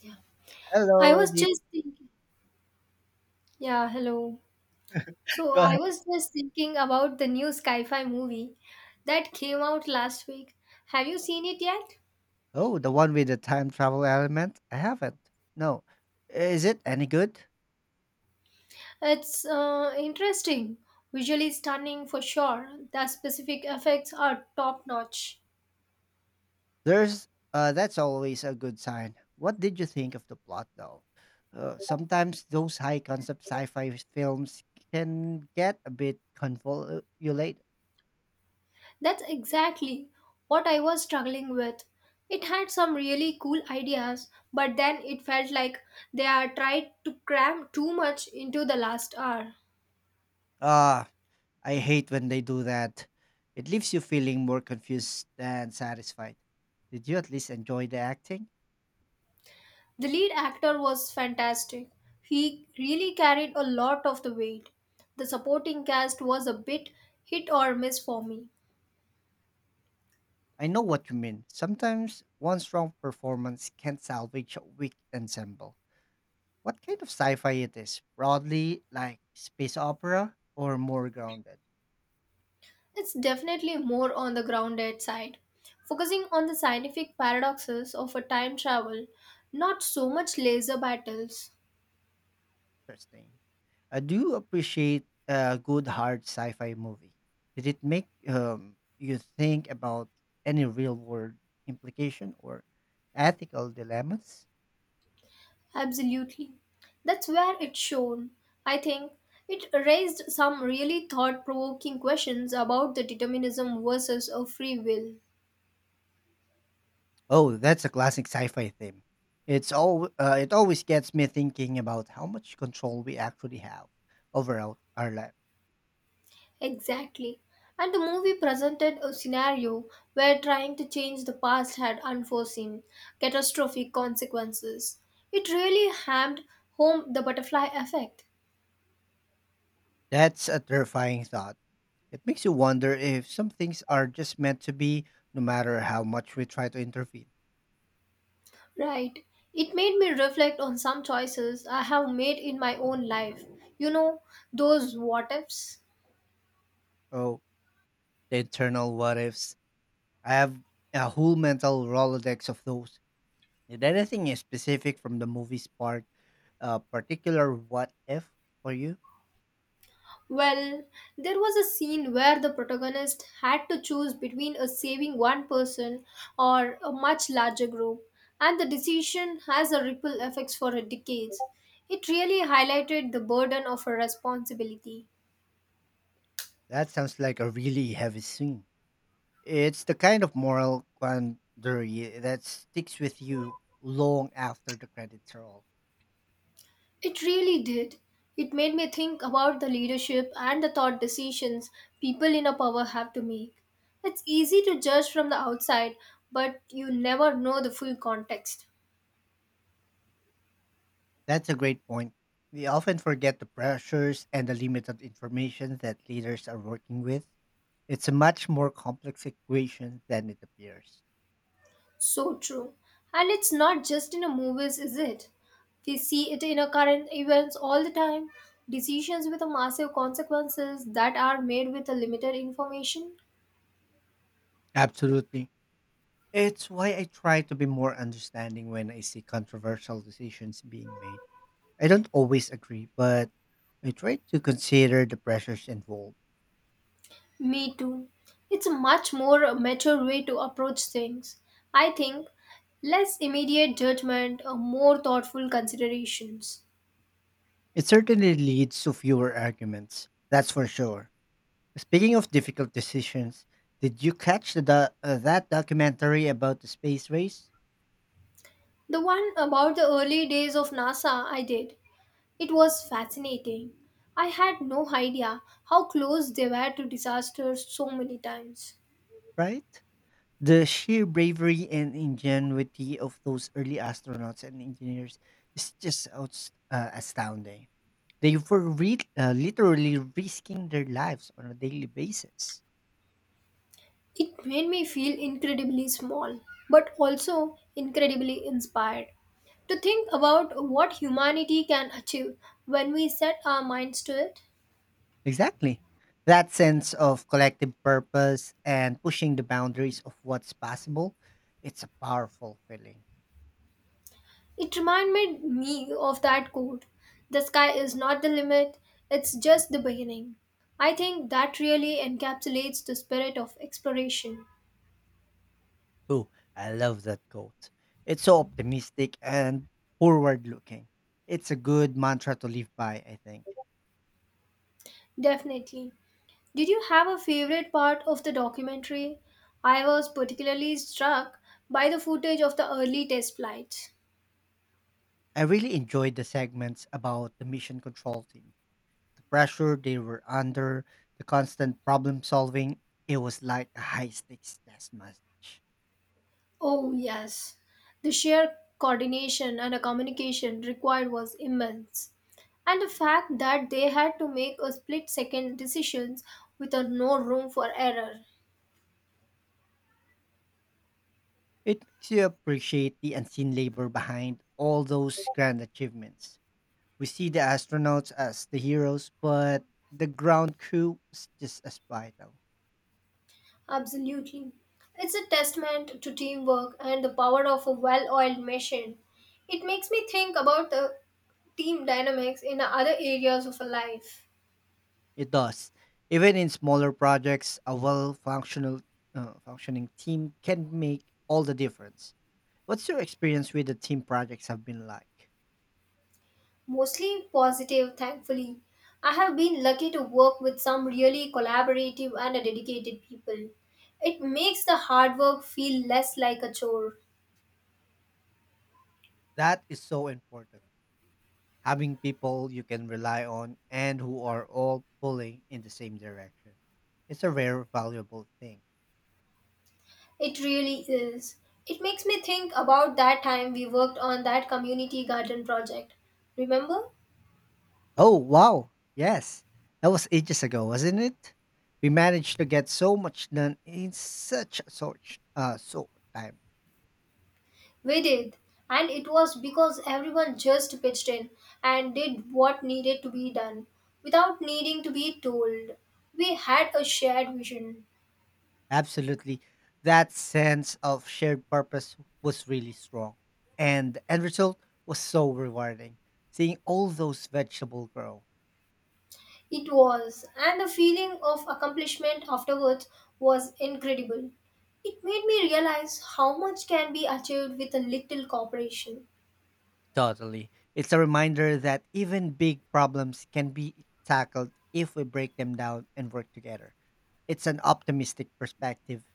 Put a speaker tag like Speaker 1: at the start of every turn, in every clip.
Speaker 1: Yeah. I
Speaker 2: Hello,
Speaker 1: was
Speaker 2: the
Speaker 1: just thinking, yeah, hello. So
Speaker 2: Go
Speaker 1: I
Speaker 2: ahead.
Speaker 1: was just thinking about the new sci-fi movie that came out last week. Have you seen it yet?
Speaker 2: Oh, the one with the time travel element. I haven't. No, is it any good?
Speaker 1: It's interesting, visually stunning for sure. The specific effects are top-notch.
Speaker 2: There's that's always a good sign. What did you think of the plot, though? Sometimes those high concept sci-fi films can get a bit convoluted.
Speaker 1: That's exactly what I was struggling with. It had some really cool ideas, but then it felt like they are tried to cram too much into the last hour.
Speaker 2: Ah, I hate when they do that. It leaves you feeling more confused than satisfied. Did you at least enjoy the acting?
Speaker 1: The lead actor was fantastic. He really carried a lot of the weight. The supporting cast was a bit hit or miss for me.
Speaker 2: I know what you mean. Sometimes one strong performance can salvage a weak ensemble. What kind of sci fi it is? Broadly, like space opera or more grounded?
Speaker 1: It's definitely more on the grounded side, focusing on the scientific paradoxes of a time travel, not so much laser battles.
Speaker 2: Interesting. I do appreciate a good hard sci fi movie. Did it make you think about any real world implication or ethical dilemmas?
Speaker 1: Absolutely. That's where it's shown. I think it raised some really thought provoking questions about the determinism versus a free will.
Speaker 2: Oh, that's a classic sci-fi theme. It's all it always gets me thinking about how much control we actually have over our life.
Speaker 1: Exactly. And the movie presented a scenario where trying to change the past had unforeseen, catastrophic consequences. It really hammed home the butterfly effect.
Speaker 2: That's a terrifying thought. It makes you wonder if some things are just meant to be, no matter how much we try to intervene.
Speaker 1: Right. It made me reflect on some choices I have made in my own life. You know, those what ifs.
Speaker 2: Oh, the internal what ifs. I have a whole mental rolodex of those. Did anything in specific from the movie spark a particular what if for you?
Speaker 1: Well, there was a scene where the protagonist had to choose between a saving one person or a much larger group, and the decision has a ripple effects for decades. It really highlighted the burden of her responsibility.
Speaker 2: That sounds like a really heavy scene. It's the kind of moral quandary that sticks with you long after the credits roll.
Speaker 1: It really did. It made me think about the leadership and the thought decisions people in a power have to make. It's easy to judge from the outside, but you never know the full context.
Speaker 2: That's a great point. We often forget the pressures and the limited information that leaders are working with. It's a much more complex equation than it appears.
Speaker 1: So true. And it's not just in the movies, is it? We see it in our current events all the time. Decisions with massive consequences that are made with a limited information.
Speaker 2: Absolutely. It's why I try to be more understanding when I see controversial decisions being made. I don't always agree, but I try to consider the pressures involved.
Speaker 1: Me too. It's a much more mature way to approach things. I think less immediate judgment, more thoughtful considerations.
Speaker 2: It certainly leads to fewer arguments, that's for sure. Speaking of difficult decisions, did you catch the that documentary about the space race?
Speaker 1: The one about the early days of NASA I did. It was fascinating. I had no idea how close they were to disaster so many times.
Speaker 2: Right? The sheer bravery and ingenuity of those early astronauts and engineers is just outs astounding. They were literally risking their lives on a daily basis.
Speaker 1: It made me feel incredibly small, but also incredibly inspired. To think about what humanity can achieve when we set our minds to it,
Speaker 2: Exactly. That sense of collective purpose and pushing the boundaries of what's possible, it's a powerful feeling.
Speaker 1: it reminded me of that quote: the sky is not the limit, it's just the beginning. I think that really encapsulates the spirit of exploration.
Speaker 2: Ooh, I love that quote. It's so optimistic and forward looking. It's a good mantra to live by, I think.
Speaker 1: Definitely. Did you have a favorite part of the documentary? I was particularly struck by the footage of the early test flights.
Speaker 2: I really enjoyed the segments about the mission control team. The pressure they were under, the constant problem solving, it was like a high stakes chess match.
Speaker 1: Oh, yes. The sheer coordination and communication required was immense. And the fact that they had to make a split second decisions with a no room for error.
Speaker 2: It makes you appreciate the unseen labor behind all those grand achievements. We see the astronauts as the heroes, but the ground crew is just as vital.
Speaker 1: Absolutely. It's a testament to teamwork and the power of a well oiled machine. It makes me think about the team dynamics in other areas of life.
Speaker 2: It does. Even in smaller projects, a well functional functioning team can make all the difference. What's your experience with the team projects have been like?
Speaker 1: Mostly positive, thankfully. I have been lucky to work with some really collaborative and dedicated people. It makes the hard work feel less like a chore.
Speaker 2: That is so important. Having people you can rely on and who are all pulling in the same direction. It's a very valuable thing.
Speaker 1: It really is. It makes me think about that time we worked on that community garden project. Remember?
Speaker 2: Oh, wow. Yes. That was ages ago, wasn't it? We managed to get so much done in such a short time.
Speaker 1: We did, and it was because everyone just pitched in and did what needed to be done without needing to be told. We had a shared vision.
Speaker 2: Absolutely. That sense of shared purpose was really strong. And the end result was so rewarding. Seeing all those vegetables grow.
Speaker 1: It was, and the feeling of accomplishment afterwards was incredible. It made me realize how much can be achieved with a little cooperation.
Speaker 2: Totally. It's a reminder that even big problems can be tackled if we break them down and work together. It's an optimistic perspective.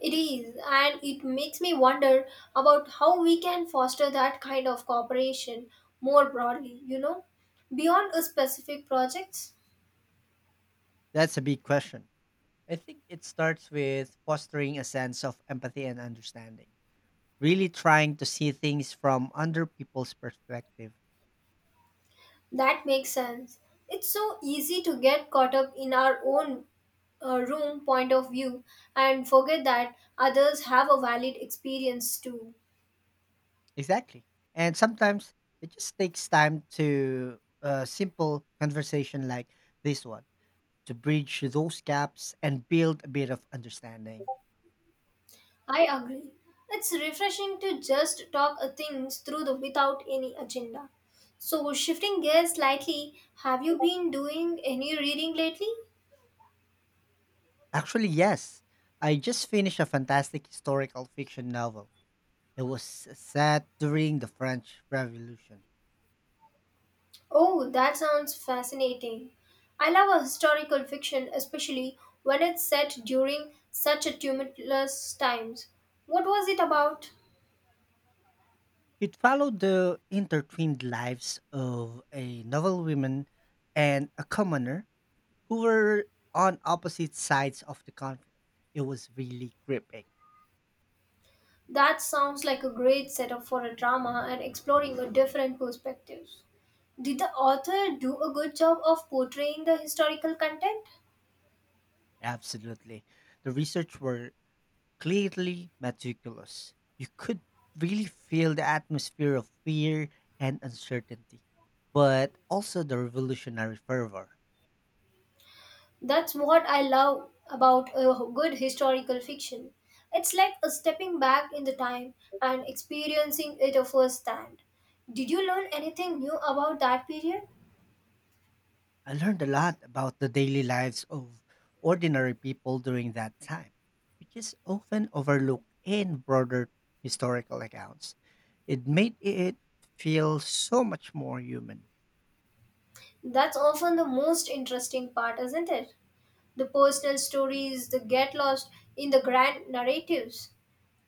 Speaker 1: It is, and it makes me wonder about how we can foster that kind of cooperation more broadly, you know, beyond a specific projects.
Speaker 2: That's a big question. I think it starts with fostering a sense of empathy and understanding, really trying to see things from other people's perspective.
Speaker 1: That makes sense. It's so easy to get caught up in our own room point of view and forget that others have a valid experience too.
Speaker 2: Exactly. And sometimes it just takes time to a simple conversation like this one to bridge those gaps and build a bit of understanding.
Speaker 1: I agree. It's refreshing to just talk things through the, without any agenda. So, shifting gears slightly, have you been doing any reading lately?
Speaker 2: Actually, yes. I just finished a fantastic historical fiction novel. It was set during the French Revolution.
Speaker 1: Oh, that sounds fascinating. I love a historical fiction, especially when it's set during such a tumultuous times. What was it about?
Speaker 2: It followed the intertwined lives of a noble woman and a commoner who were on opposite sides of the conflict. It was really gripping.
Speaker 1: That sounds like a great setup for a drama and exploring a different perspectives. Did the author do a good job of portraying the historical content?
Speaker 2: Absolutely. The research were clearly meticulous. You could really feel the atmosphere of fear and uncertainty, but also the revolutionary fervor.
Speaker 1: That's what I love about a good historical fiction. It's like a stepping back in the time and experiencing it a first hand. Did you learn anything new about that period?
Speaker 2: I learned a lot about the daily lives of ordinary people during that time, which is often overlooked in broader historical accounts. It made it feel so much more human.
Speaker 1: That's often the most interesting part, isn't it? The personal stories, the get lost in the grand narratives.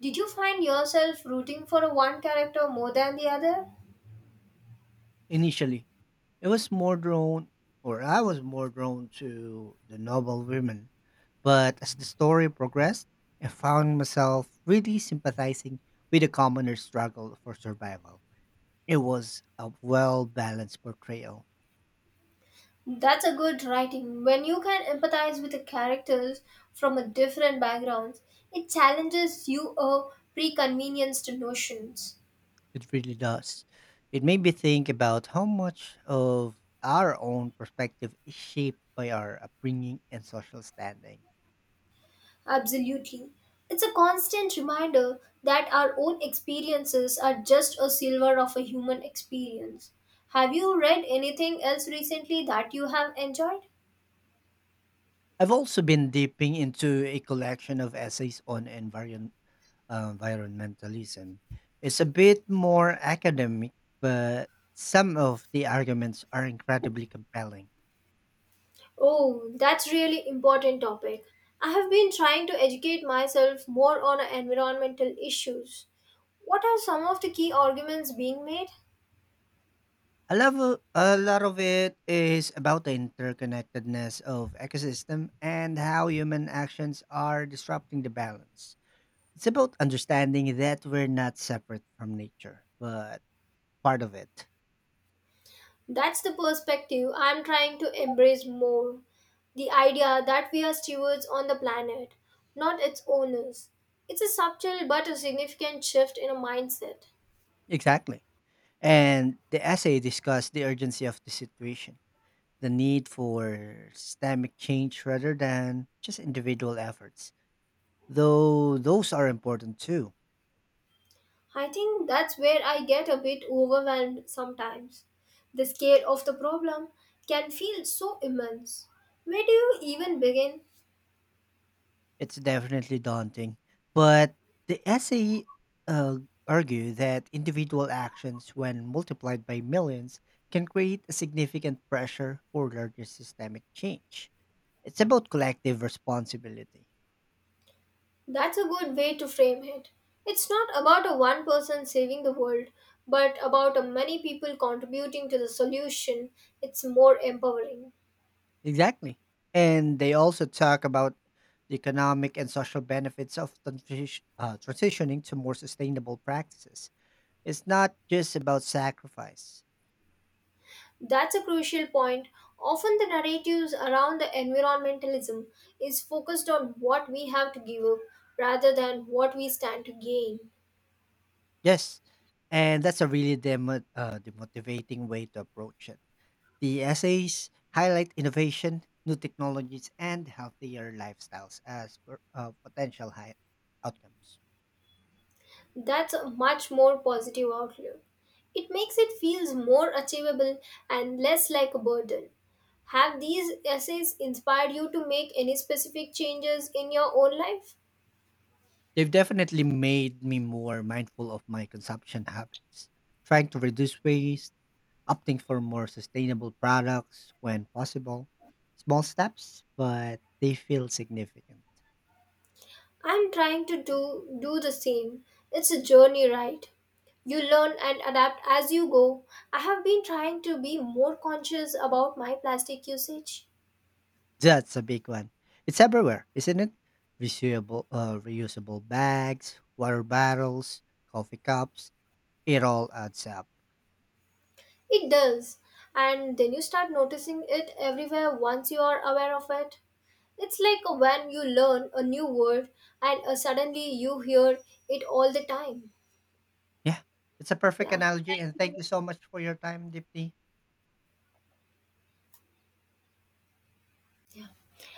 Speaker 1: Did you find yourself rooting for one character more than the other?
Speaker 2: Initially, it was more drawn, or I was more drawn to the noble women. But as the story progressed, I found myself really sympathizing with the commoner's struggle for survival. It was a well balanced portrayal.
Speaker 1: That's a good writing. When you can empathize with the characters from a different backgrounds, it challenges you a preconvenienced notions.
Speaker 2: It really does. It made me think about how much of our own perspective is shaped by our upbringing and social standing.
Speaker 1: Absolutely. It's a constant reminder that our own experiences are just a silver of a human experience. Have you read anything else recently that you have enjoyed?
Speaker 2: I've also been dipping into a collection of essays on environmentalism. It's a bit more academic, but some of the arguments are incredibly compelling.
Speaker 1: Oh, that's really important topic. I have been trying to educate myself more on environmental issues. What are some of the key arguments being made?
Speaker 2: A lot of it is about the interconnectedness of ecosystem and how human actions are disrupting the balance. It's about understanding that we're not separate from nature, but part of it.
Speaker 1: That's the perspective I'm trying to embrace more. The idea that we are stewards on the planet, not its owners. It's a subtle but a significant shift in a mindset.
Speaker 2: Exactly. And the essay discussed the urgency of the situation, the need for systemic change rather than just individual efforts. Though those are important too.
Speaker 1: I think that's where I get a bit overwhelmed sometimes. The scale of the problem can feel so immense. Where do you even begin?
Speaker 2: It's definitely daunting. But the essay uh, argue that individual actions, when multiplied by millions, can create a significant pressure for larger systemic change. It's about collective responsibility.
Speaker 1: That's a good way to frame it. It's not about a one person saving the world, but about a many people contributing to the solution. It's more empowering.
Speaker 2: Exactly. And they also talk about the economic and social benefits of transitioning to more sustainable practices. It's not just about sacrifice.
Speaker 1: That's a crucial point. Often the narratives around the environmentalism is focused on what we have to give up rather than what we stand to gain.
Speaker 2: Yes. And that's a really the motivating way to approach it. The essays highlight innovation, new technologies, and healthier lifestyles as potential high outcomes.
Speaker 1: That's a much more positive outlook. It makes it feels more achievable and less like a burden. Have these essays inspired you to make any specific changes in your own life?
Speaker 2: They've definitely made me more mindful of my consumption habits, trying to reduce waste opting for more sustainable products when possible. Small steps, but they feel significant.
Speaker 1: I'm trying to do the same. It's a journey, right? You learn and adapt as you go. I have been trying to be more conscious about my plastic usage.
Speaker 2: That's a big one. It's everywhere, isn't it? Reusable bags, water bottles, coffee cups. It all adds up.
Speaker 1: It does. And then you start noticing it everywhere once you are aware of it. It's like when you learn a new word and suddenly you hear it all the time.
Speaker 2: Yeah, it's a perfect
Speaker 1: Yeah,
Speaker 2: analogy.
Speaker 1: thank
Speaker 2: And thank
Speaker 1: you.
Speaker 2: you so much for your time, Dipti.